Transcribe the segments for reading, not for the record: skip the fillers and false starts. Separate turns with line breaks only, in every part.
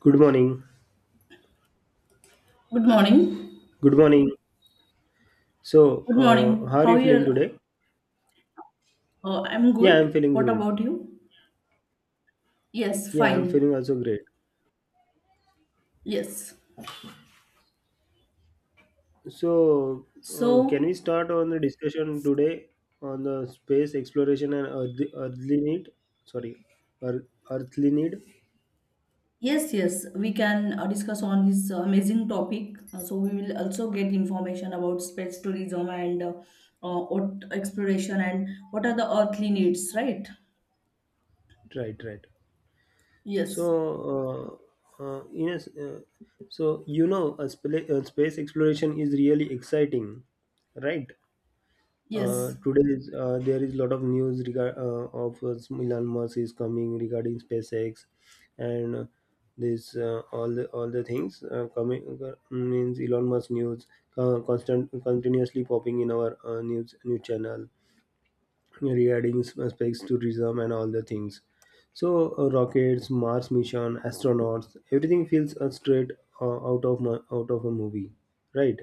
Good morning.
Good morning.
Good morning. So,
Good morning.
how are
How
you
are
feeling
you?
today?
I'm
Yeah, I'm
good.
feeling
What
good.
about you? Yes,
Yeah, I'm feeling
fine.
also great.
Yes.
So, can we
So,
start on the discussion today on the space exploration and earthly need? Sorry, earth, earthly need.
yes, yes, we can discuss on this amazing topic. We will also get information about space tourism and earth exploration and what are the earthly needs, right?
Right, right.
Yes,
So, yes. Space exploration is really exciting, right?
yes,
Today is, there is a lot of news regard of Elon Musk is coming regarding SpaceX and this all the things coming means Elon Musk news constant continuously popping in our news channel regarding SpaceX tourism and all the things. So rockets, Mars mission, astronauts, everything feels straight out of a movie, right?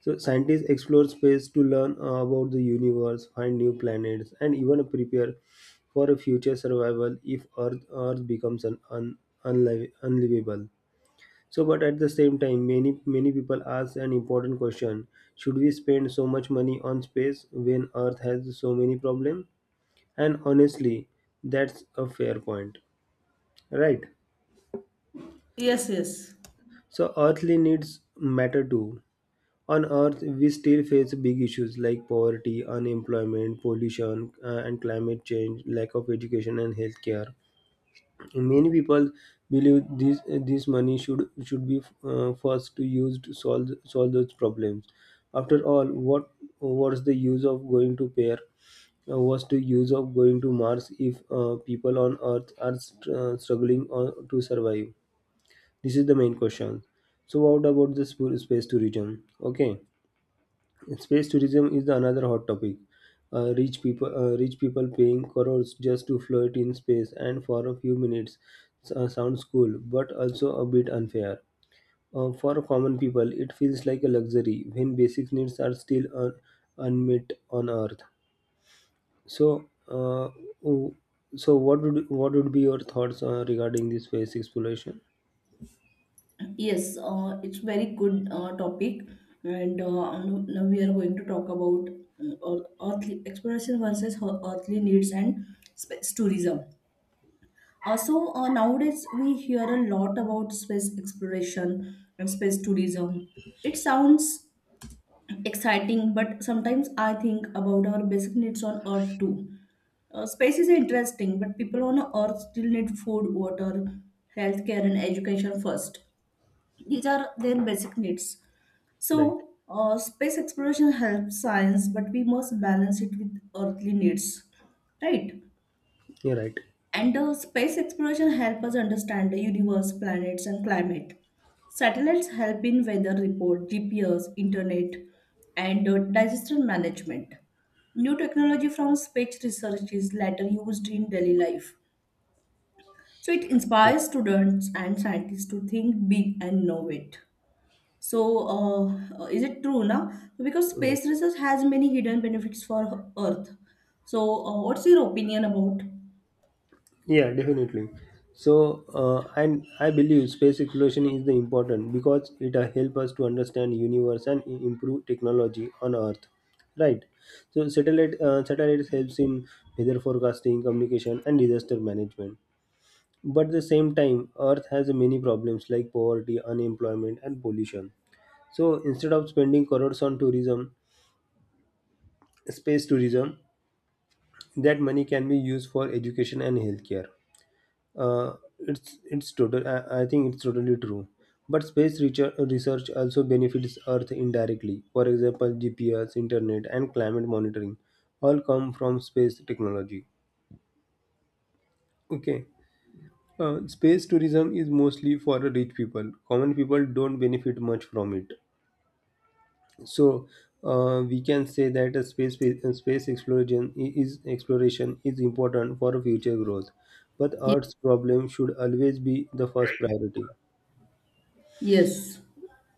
So scientists explore space to learn about the universe, find new planets, and even prepare for a future survival if Earth becomes unlivable. So, but at the same time, many people ask an important question: should we spend so much money on space when Earth has so many problems? And honestly, that's a fair point, right?
yes, yes.
So, earthly needs matter too. On Earth, we still face big issues like poverty, unemployment, pollution, and climate change, lack of education and healthcare. Many people believe this money should be first to used to solve those problems. After all, what was the use of going to pair? Was the use of going to Mars if people on Earth are struggling to survive? This is the main question. So, what about the space tourism? Okay. Space tourism is another hot topic. Uh, rich people paying crores just to float in space and for a few minutes sounds cool, but also a bit unfair. For common people, it feels like a luxury when basic needs are still unmet on Earth. So, w- so what would be your thoughts regarding this space exploration?
Yes, it's very good topic, and now we are going to talk about earthly exploration versus earthly needs and space tourism. Also, nowadays we hear a lot about space exploration and space tourism. It sounds exciting, but sometimes I think about our basic needs on Earth too. Space is interesting, but people on Earth still need food, water, healthcare, and education first. These are their basic needs.
Right.
So, space exploration helps science, but we must balance it with earthly needs, right?
Yeah. Right.
And space exploration helps us understand the universe, planets, and climate. Satellites help in weather report, GPS, internet, and disaster management. New technology from space research is later used in daily life. So it inspires students and scientists to think big and innovate. So, is it true now? Because
Yeah.
space research has many hidden benefits for Earth. So, what's your opinion about?
Yeah, definitely. So, and I believe space exploration is the important because it help us to understand universe and improve technology on Earth, right? So, satellites helps in weather forecasting, communication, and disaster management. But at the same time, Earth has many problems like poverty, unemployment, and pollution. So, instead of spending crores on tourism, space tourism, that money can be used for education and healthcare. Uh, it's total. I think it's totally true. But space research also benefits Earth indirectly. For example, GPS, internet, and climate monitoring all come from space technology. Okay. Space tourism is mostly for rich people. Common people don't benefit much from it. So we can say that a space exploration is important for future growth. But
Ye-
Earth's problem should always be the first priority.
Yes,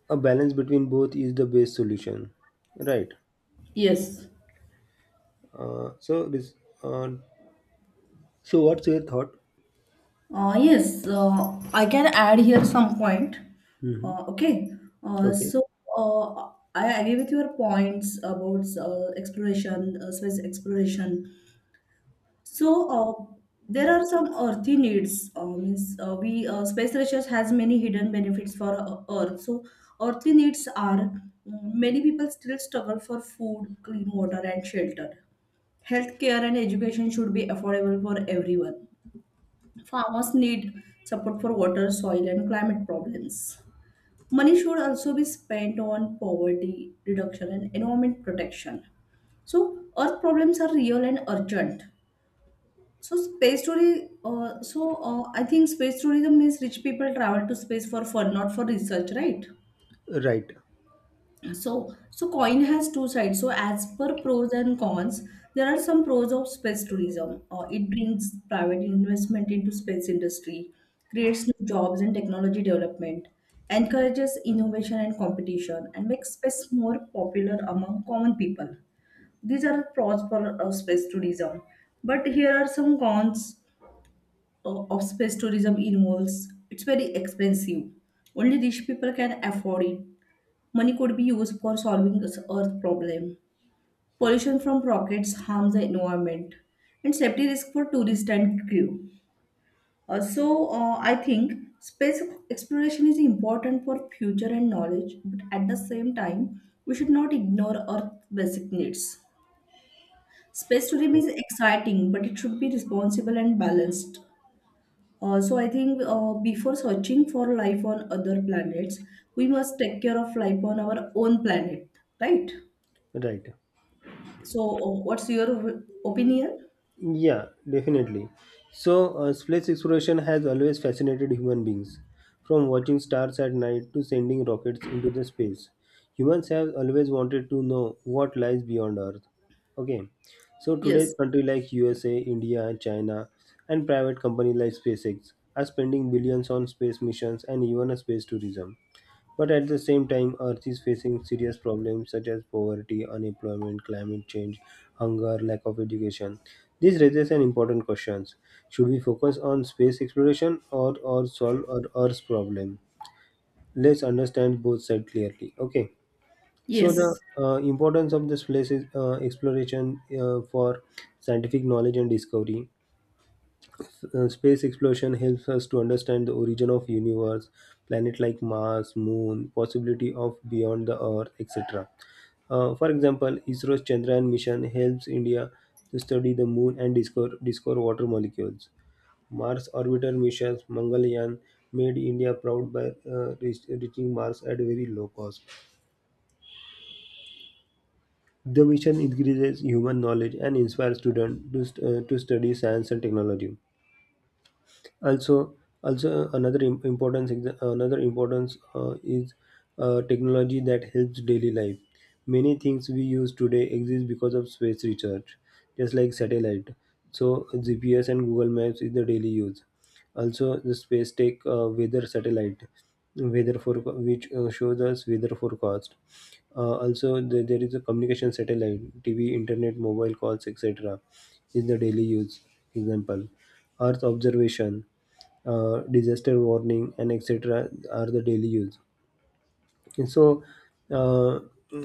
A balance between both is the best solution, right?
yes.
uh, so this uh, so what's your thought?
Yes, I can add here some point.
Hmm.
Okay, uh,
Okay.
so I agree with your points about space exploration. So uh, there are some earthy needs. Means we Space research has many hidden benefits for Earth. So earthly needs are many people still struggle for food, clean water, and shelter. Healthcare and education should be affordable for everyone. Farmers need support for water, soil, and climate problems. Money should also be spent on poverty reduction and environment protection. So, earth problems are real and urgent. So space tourism. I think space tourism means rich people travel to space for fun, not for research, right?
Right,
So coin has two sides. So as per pros and cons, there are some pros of space tourism. It brings private investment into space industry, creates new jobs and technology development, encourages innovation and competition, and makes space more popular among common people. These are pros for space tourism. But here are some cons of space tourism involves, it's very expensive, only rich people can afford it, money could be used for solving this earth problem, pollution from rockets harms the environment, and safety risk for tourists and crew. Uh, so I think space exploration is important for future and knowledge, but at the same time we should not ignore earth's basic needs. Space tourism is exciting, but it should be responsible and balanced. So I think before searching for life on other planets, we must take care of life on our own planet, right?
right.
So what's your opinion?
Yeah, definitely. So, space exploration has always fascinated human beings. From watching stars at night to sending rockets into the space, humans have always wanted to know what lies beyond Earth. Okay, so
Yes,
today's country like USA, India, China, and private company like SpaceX are spending billions on space missions and even a space tourism. But at the same time, Earth is facing serious problems such as poverty, unemployment, climate change, hunger, lack of education. This raises an important question. Should we focus on space exploration or solve our Earth's problem? Let's understand both sides clearly. Okay. So the
yes,
importance of this place is exploration for scientific knowledge and discovery. Space exploration helps us to understand the origin of universe, planet like Mars, Moon, possibility of beyond the Earth, etc. For example, ISRO's Chandrayaan mission helps India to study the moon and discover water molecules. Mars orbiter missions, Mangalyaan, made India proud by reaching Mars at very low cost. The mission increases human knowledge and inspires students to, to study science and technology. also also, another importance is technology that helps daily life. Many things we use today exist because of space research, just like satellite. So GPS and Google Maps is the daily use. Also the space tech, weather satellite, weather for which shows us weather forecast. There is a communication satellite, TV, internet, mobile calls, etc. is the daily use. Example, Earth observation, disaster warning, and etc. are the daily use. And so uh,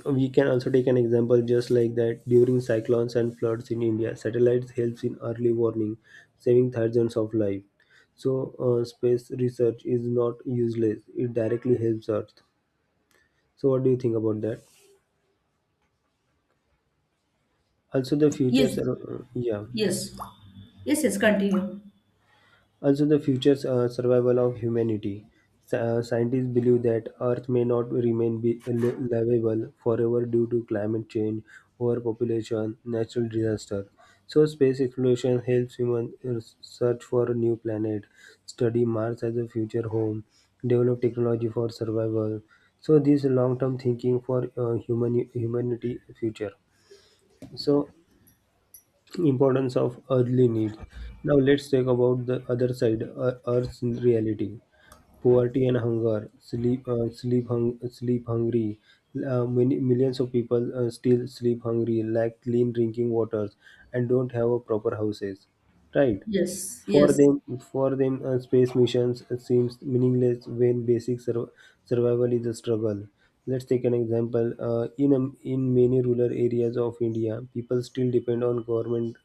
we can also take an example just like that during cyclones and floods in India, satellites helps in early warning, saving thousands of lives. So space research is not useless; it directly helps Earth. So what do you think about that? Also, the future.
yes,
Yeah.
yes, yes, yes, continue.
Also, the future survival of humanity. Scientists believe that Earth may not remain livable forever due to climate change, overpopulation, natural disaster. So, space exploration helps humans search for a new planet, study Mars as a future home, develop technology for survival. So, this long-term thinking for humanity future. So, importance of earthly needs. Now let's talk about the other side, Earth's reality. Poverty and hunger, sleep hungry. Millions of people still sleep hungry, lack clean drinking waters, and don't have a proper houses. Right?
Yes, yes,
For them, space missions seems meaningless when basic survival is a struggle. Let's take an example. Uh, in many rural areas of India, people still depend on government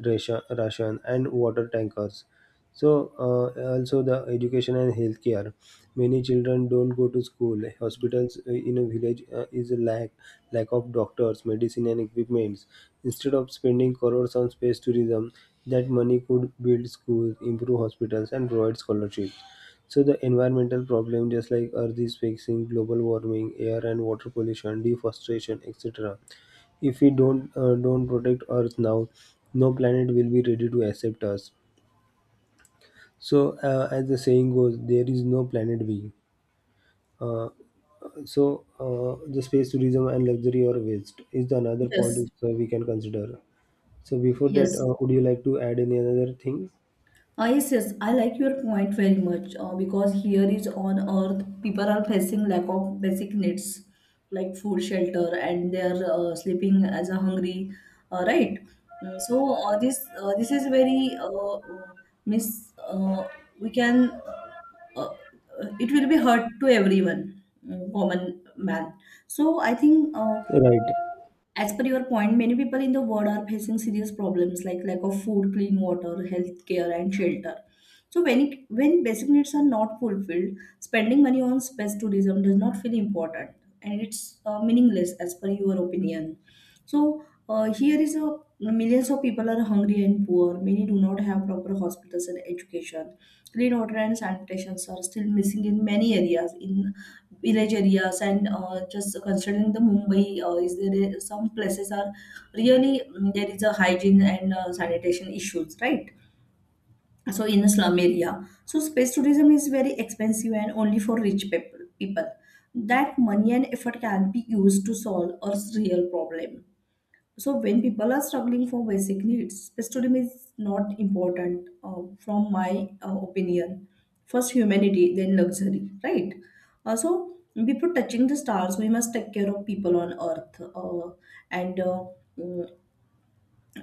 ration and water tankers. So, also the education and healthcare. Many children don't go to school. Hospitals in a village is a lack of doctors, medicine, and equipments. Instead of spending crores on space tourism, that money could build schools, improve hospitals, and provide scholarships. So the environmental problem, just like Earth is facing global warming, air and water pollution, deforestation, etc. If we don't protect Earth now, no planet will be ready to accept us. So, as the saying goes, there is no planet B. Uh, the space tourism and luxury or waste is the another point
yes,
which, we can consider. So, before that,
yes.
would you like to add any other thing?
Ah, yes, yes, I like your point very much because here is on earth, people are facing lack of basic needs like food, shelter, and they are sleeping as a hungry, right? Mm. So this is very miss. We can, uh, it will be hurt to everyone, common man. So I think
Right.
as per your point, many people in the world are facing serious problems like lack of food, clean water, healthcare, and shelter. When basic needs are not fulfilled, spending money on space tourism does not feel important, and it's meaningless as per your opinion. So here is a millions of people are hungry and poor. Many do not have proper hospitals and education. Clean water and sanitations are still missing in many areas, in village areas, and just considering the Mumbai, some places are really there is a hygiene and sanitation issues, right? So in a slum area, so space tourism is very expensive and only for rich people. People, that money and effort can be used to solve a real problem. So when people are struggling for basic needs, pastorism is not important, from my opinion, first humanity then luxury, right? So before touching the stars we must take care of people on earth. And uh, mm,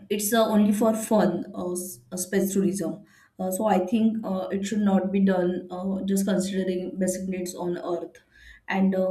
it's only for fun, space tourism. Uh, So I think it should not be done, just considering basic needs on earth. And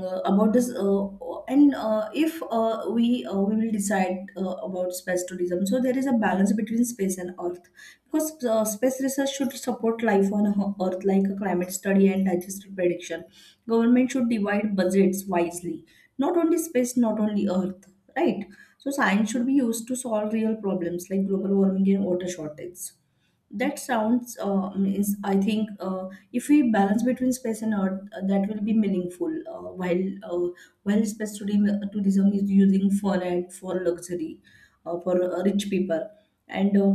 about this and If we we will decide about space tourism, so there is a balance between space and earth, because space research should support life on earth, like a climate study and digestive prediction. Government should divide budgets wisely, not only space, not only earth, right? So science should be used to solve real problems like global warming and water shortage. That sounds is I think if we balance between space and earth, that will be meaningful. While space tourism tourism is using for, and for luxury, for rich people, and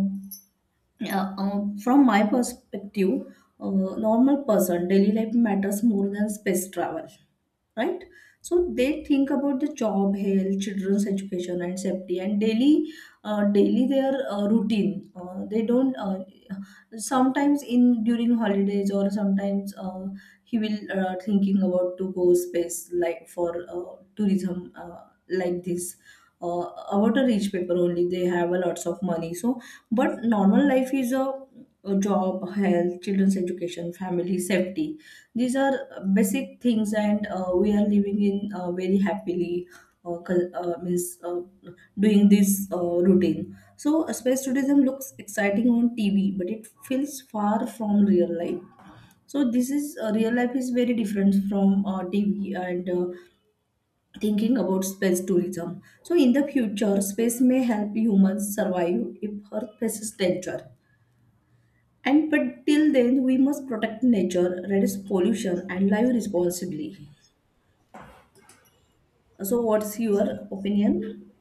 yeah. From my perspective, normal person, daily life matters more than space travel, right? So they think about the job, health, children's education, and safety, and daily, daily their routine. They don't. Sometimes in during holidays or sometimes he will thinking about to go space like for tourism like this, about a rich paper only, they have a lots of money. But normal life is a job, health, children's education, family safety. These are basic things, and we are living in very happily, cul- means doing this routine. So space tourism looks exciting on tv, but it feels far from real life. So this is, real life is very different from tv. And Thinking about space tourism, so in the future space may help humans survive if earth faces danger, and but till then we must protect nature, reduce pollution, and live responsibly. So, what's your opinion?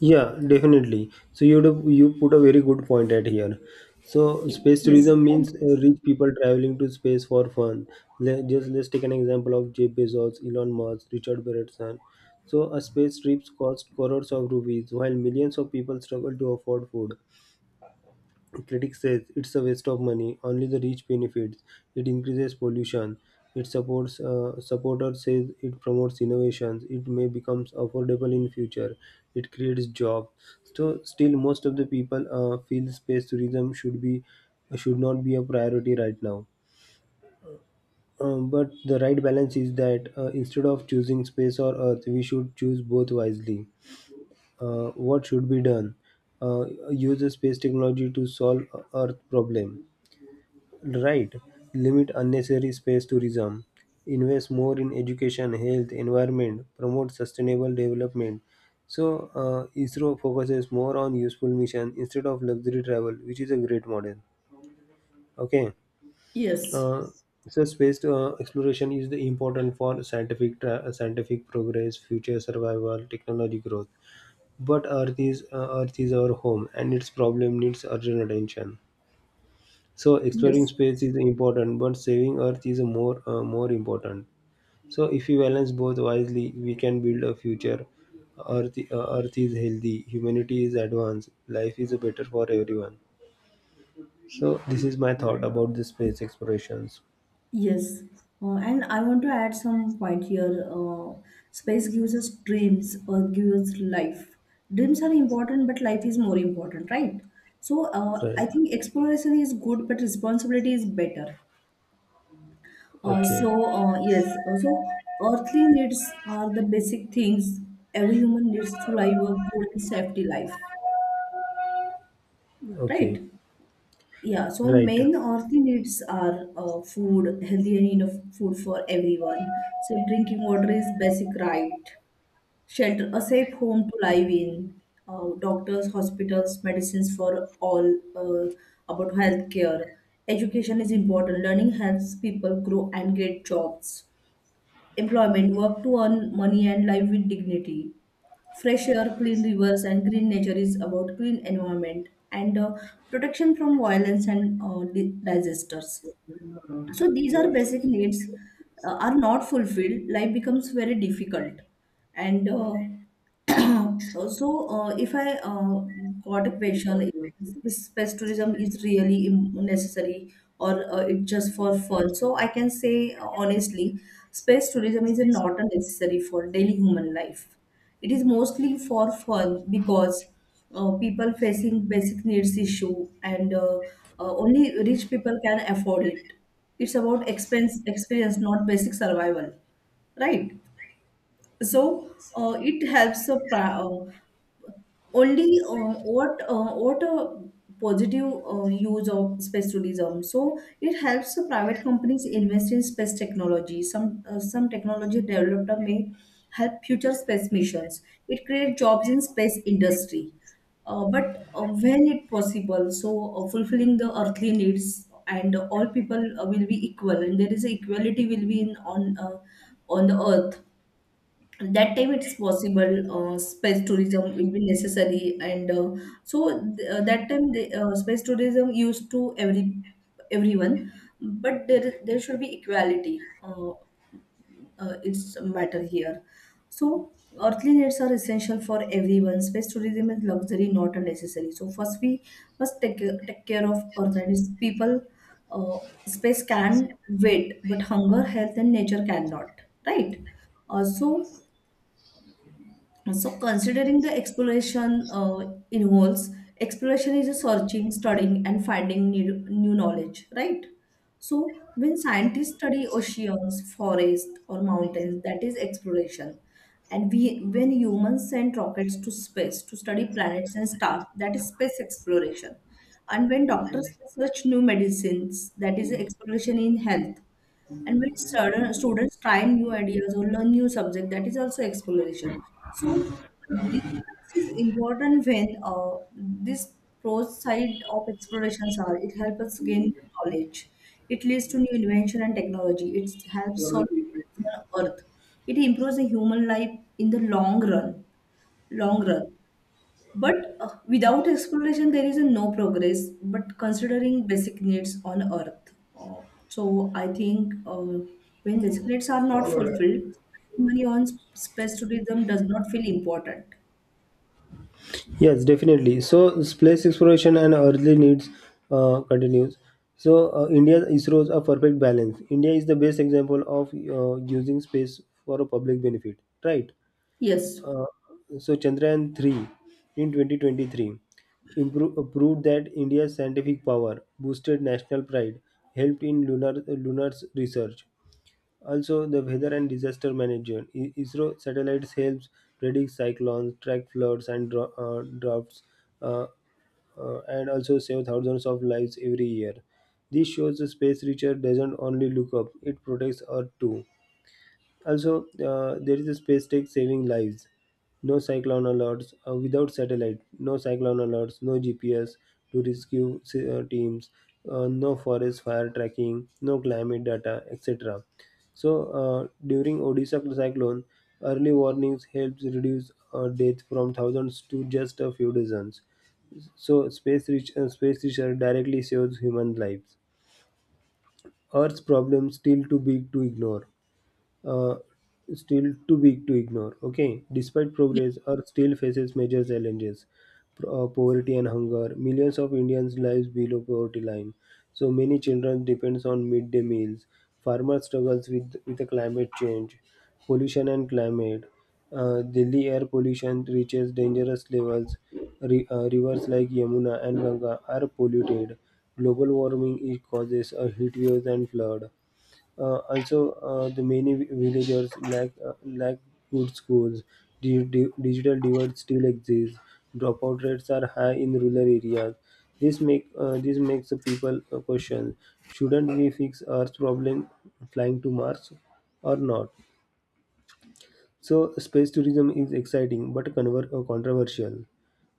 Yeah, definitely. So you put a very good point at here. So space
Yes,
tourism means rich people traveling to space for fun. Just let's take an example of Jeff Bezos, Elon Musk, Richard Branson. So a space trip costs crores of rupees, while millions of people struggle to afford food. Critics says it's a waste of money. Only the rich benefits. It increases pollution. It supports Supporters says it promotes innovations. It may becomes affordable in future. It creates job. So still, most of the people feel space tourism should be should not be a priority right now. But the right balance is that instead of choosing space or earth, we should choose both wisely. What should be done? Uh, Use the space technology to solve earth problem. Right. Limit unnecessary space tourism. Invest more in education, health, environment. Promote sustainable development. So, ISRO focuses more on useful mission instead of luxury travel, which is a great model. Okay.
yes,
Uh, so, space exploration is the important for scientific progress, future survival, technology growth. But Earth is our home, and its problem needs urgent attention. So exploring
yes,
space is important, but saving Earth is more important. So if we balance both wisely, we can build a future. Earth is healthy, humanity is advanced, life is better for everyone. So this is my thought about the space explorations.
yes. And I want to add some point here. Space gives us dreams or gives us life. Dreams are important, but life is more important, right? So,
Right.
I think exploration is good, but responsibility is better. Uh,
Okay.
so, yes, so earthly needs are the basic things every human needs to live a good and safety life,
Okay.
right? Yeah, so
Right.
main earthly needs are food, healthy and enough food for everyone. So drinking water is basic, right. Shelter, a safe home to live in. Doctors, hospitals, medicines for all. About healthcare, education is important. Learning helps people grow and get jobs. Employment, work to earn money and live with dignity. Fresh air, clean rivers, and green nature is about clean environment, and protection from violence and disasters. So these are basic needs. Are not fulfilled. Life becomes very difficult, and so, if I got a question, is space tourism is really necessary, or it's just for fun? So I can say honestly, space tourism is not a necessary for daily human life, it is mostly for fun, because people facing basic needs issue, and only rich people can afford it. It's about expense experience, not basic survival, right? So it helps a pra- only, what a positive use of space tourism. So it helps the private companies invest in space technology. Some some technology developed may help future space missions. It creates jobs in space industry. But When it possible, so fulfilling the earthly needs and all people will be equal, and there is a equality will be in on the earth. That time it's possible space tourism will be necessary. And so That time the space tourism used to every everyone, but there should be equality. It's a matter here. So earthly needs are essential for everyone, space tourism is luxury, not a necessary, so first we must take care of earth and its people. uh, Space can wait, but hunger, health, and nature cannot, right? Also, so, considering the exploration involves, exploration is a searching, studying, and finding new knowledge, right? So, when scientists study oceans, forests, or mountains, that is exploration. When humans send rockets to space to study planets and stars, that is space exploration. And when doctors research new medicines, that is exploration in health. And when students try new ideas or learn new subject, that is also exploration. So, this this is important when this pros side of explorations are. It helps us gain knowledge. It leads to new invention and technology. It helps solve problems on Earth. It improves the human life in the long run. Long run. But without exploration, there is a no progress. But considering basic needs on Earth, so I think when basic needs are not fulfilled, spending money on space tourism does not feel important.
Yes, definitely. So space exploration and earthly needs continues. So India ISRO's a perfect balance. India is the best example of using space for a public benefit, right?
Yes.
Uh, so Chandrayaan 3 in 2023 improved proved that India's scientific power boosted national pride, helped in lunar research, also, the weather and disaster management. ISRO satellites helps predict cyclones, track floods and droughts, uh, and also save thousands of lives every year. This shows the space research doesn't only look up; it protects Earth too. Also, there is a space tech saving lives. No cyclone alerts without satellite. No cyclone alerts. No GPS to rescue teams. No forest fire tracking. No climate data, etc. So during Odisha cyclone, early warnings helps reduce death from thousands to just a few dozens. So space research directly saves human lives. Earth's problems still too big to ignore uh, still too big to ignore. Okay, despite progress, Earth still faces major challenges, poverty and hunger. Millions of Indians lives below poverty line. So many children depends on midday meals. Farmers struggles with the climate change, pollution and climate. Delhi air pollution reaches dangerous levels. Rivers like Yamuna and Ganga are polluted. Global warming is causes a heat waves and flood. Also, the many villagers lack good schools. Digital divide still exists. Dropout rates are high in rural areas. This makes the people question: shouldn't we fix Earth's problem flying to Mars or not? So, space tourism is exciting but controversial.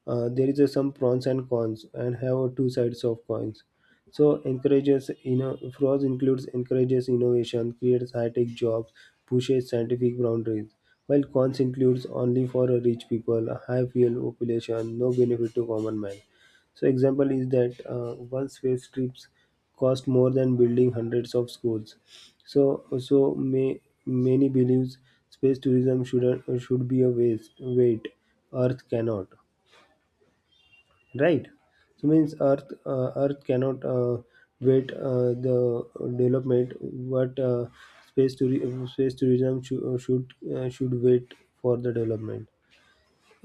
There is a some pros and cons and have a two sides of coins. So encourages fraud includes, encourages innovation, creates high-tech jobs, pushes scientific boundaries, while cons includes only for a rich people, a high fuel population, no benefit to common man. So example is that one space trips cost more than building hundreds of schools. So many believes space tourism should be a waste. Wait, Earth cannot, right. So means earth cannot, wait. The development what, space tourism should wait for the development.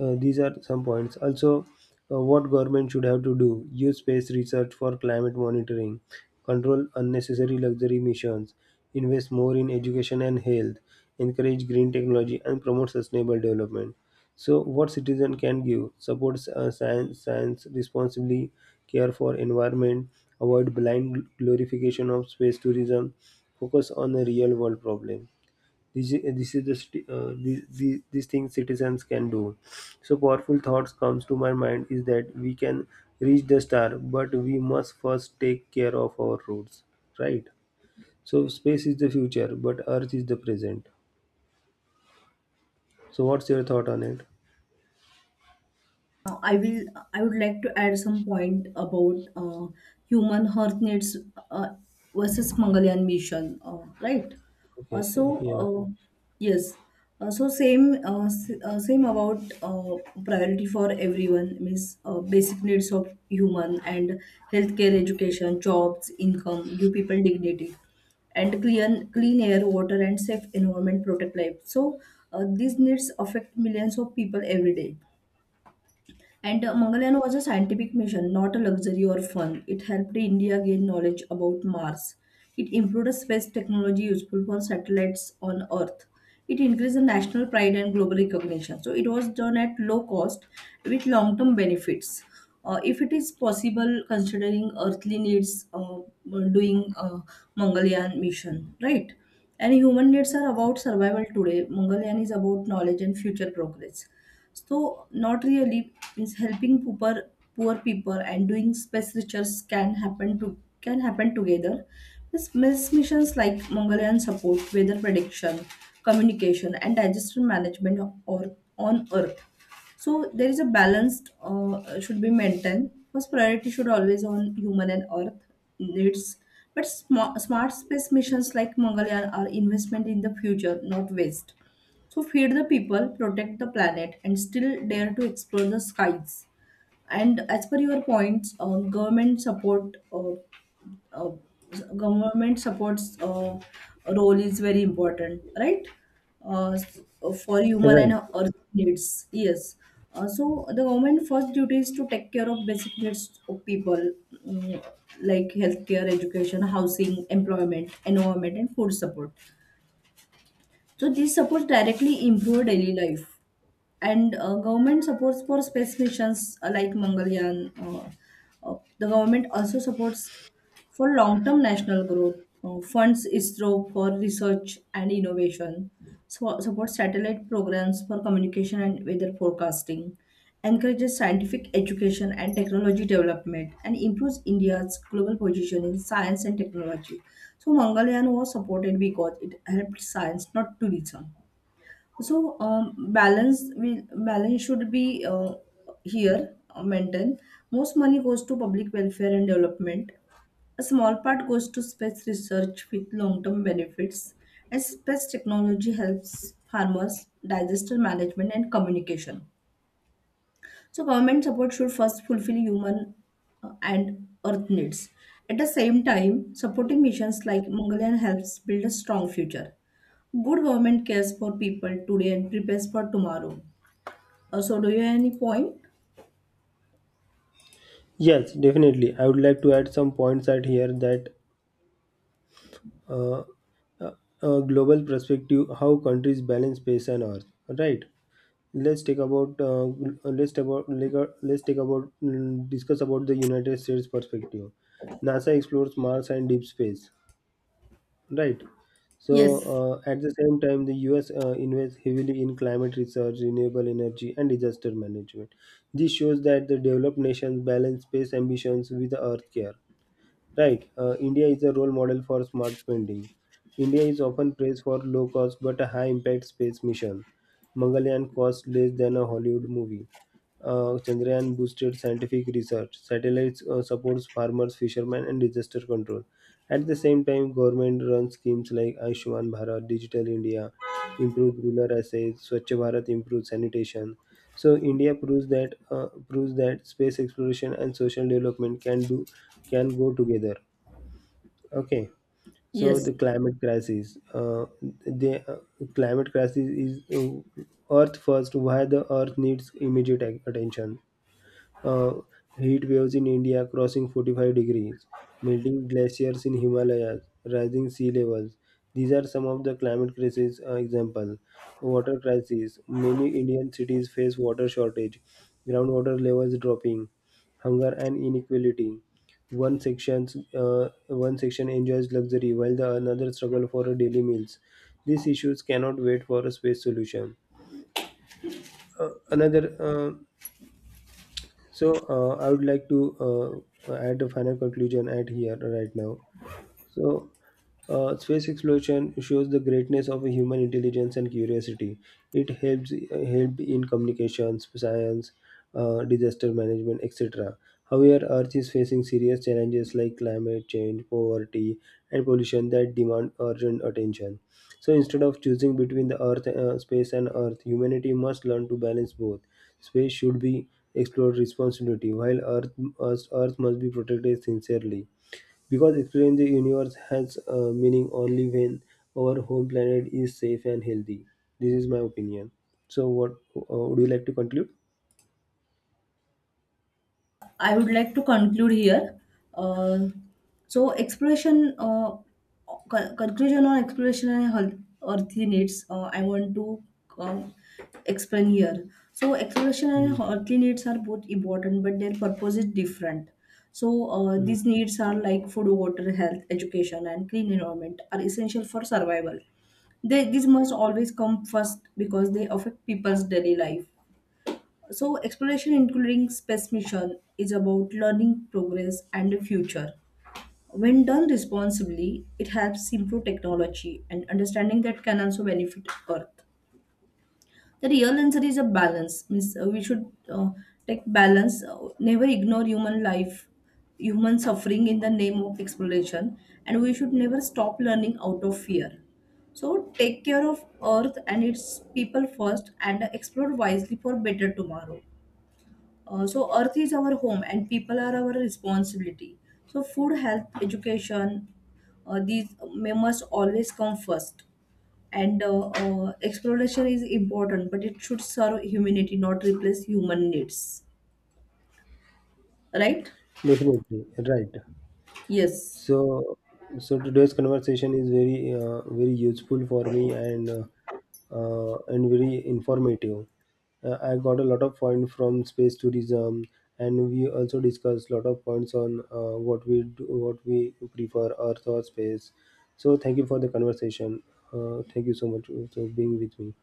These are some points. Also, what government should have to do: use space research for climate monitoring, control unnecessary luxury emissions, invest more in education and health, encourage green technology, and promote sustainable development. So, what citizen can give: support science responsibly, care for environment, avoid blind glorification of space tourism, focus on the real world problem. This is, this is the st- these things citizens can do. So powerful thoughts comes to my mind is that we can reach the star, but we must first take care of our roots, right. So space is the future but earth is the present. So what's your thought on it?
I will. I would like to add some point about human Earth needs uh, versus Mangalyaan mission, right?
Okay.
Uh, so
Yeah.
uh, yes, same about uh, priority for everyone means basic needs of human and healthcare, education, jobs, income, give people dignity and clean air, water, and safe environment protect life. So these needs affect millions of people every day. And Mangalyaan was a scientific mission, not a luxury or fun. It helped India gain knowledge about Mars. It improved space technology useful for satellites on Earth. It increased the national pride and global recognition. So it was done at low cost with long term benefits. If it is possible, considering earthly needs, doing Mangalyaan mission, right? And human needs are about survival today. Mangalyaan is about knowledge and future progress. So not really means helping poor people and doing space research can happen together. This missions like Mongolian support, weather prediction, communication, and disaster management or on Earth. So there is a balanced should be maintained. First priority should always on human and earth needs, but smart space missions like Mangalyaan are investment in the future, not waste. So feed the people, protect the planet, and still dare to explore the skies. And as per your points, uh, government supports role is very important, right? For human and
Right.
earth needs, yes. So the government first duty is to take care of basic needs of people, mm, like healthcare, education, housing, employment, environment, and food support. So this supports directly improve daily life and government supports for space missions like Mangalyaan. The government also supports for long-term national growth, funds ISRO for research and innovation, so, supports satellite programs for communication and weather forecasting, encourages scientific education and technology development, and improves India's global position in science and technology. So Mangalyaan was supported because it helped science, not tourism. So balance should be here maintained. Most money goes to public welfare and development, a small part goes to space research with long term benefits, and space technology helps farmers, disaster management, and communication. So, government support should first fulfill human and earth needs. At the same time, supporting missions like Mongolian helps build a strong future. Good government cares for people today and prepares for tomorrow. So, do you have any point?
Yes, definitely. I would like to add some points at here that uh, uh, a global perspective, how countries balance space and earth, right? let's take about uh, let's take about like, let's take about mm, discuss about the United States perspective. NASA explores Mars and deep space, right. So
Yes,
at the same time the US invests heavily in climate research, renewable energy, and disaster management. This shows that the developed nations balance space ambitions with the earth care. Right. India is a role model for smart spending. India is often praised for low cost but a high impact space mission. Mangalyaan cost less than a Hollywood movie. Chandrayaan boosted scientific research. Satellites supports farmers, fishermen, and disaster control. At the same time, government-run schemes like Ayushman Bharat, Digital India, improve rural assets, Swachh Bharat improves sanitation. So India proves that space exploration and social development can go together. Okay. So
yes.
the climate crisis is Earth first. Why the Earth needs immediate attention: uh, heat waves in India crossing 45 degrees, melting glaciers in Himalayas, rising sea levels. These are some of the climate crisis example. Water crisis. Many Indian cities face water shortage, groundwater levels dropping, hunger and inequality. One section enjoys luxury while the another struggle for a daily meals. These issues cannot wait for a space solution. Another so I would like to add a final conclusion at here right now. So, space exploration shows the greatness of human intelligence and curiosity. It helps help in communications, science, disaster management, etc. However, Earth is facing serious challenges like climate change, poverty, and pollution that demand urgent attention. So, instead of choosing between space and Earth, humanity must learn to balance both. Space should be explored responsibly, while Earth, Earth must be protected sincerely. Because exploring the universe has meaning only when our home planet is safe and healthy. This is my opinion. So, what would you like to conclude?
I would like to conclude here. Uh, so exploration, uh, Conclusion on exploration and earthy needs. I want to um, explain here. So exploration and
Mm,
earthly needs are both important, but their purpose is different. So
mm.
these needs are like food, water, health, education, and clean environment are essential for survival. These must always come first because they affect people's daily life. So, exploration, including space mission, is about learning, progress, and the future. When done responsibly, it helps improve technology and understanding that can also benefit Earth. The real answer is a balance. Means we should take balance, never ignore human life, human suffering in the name of exploration, and we should never stop learning out of fear. So take care of Earth and its people first, and explore wisely for better tomorrow. So earth is our home and people are our responsibility. So food, health, education, these may must always come first. And exploration is important, but it should serve humanity, not replace human needs. Right?
Definitely, right.
Yes.
So, so today's conversation is very, very useful for me, and very informative. I got a lot of points from space tourism, and we also discussed lot of points on what we do, what we prefer, Earth or space. So, thank you for the conversation. Thank you so much for being with me.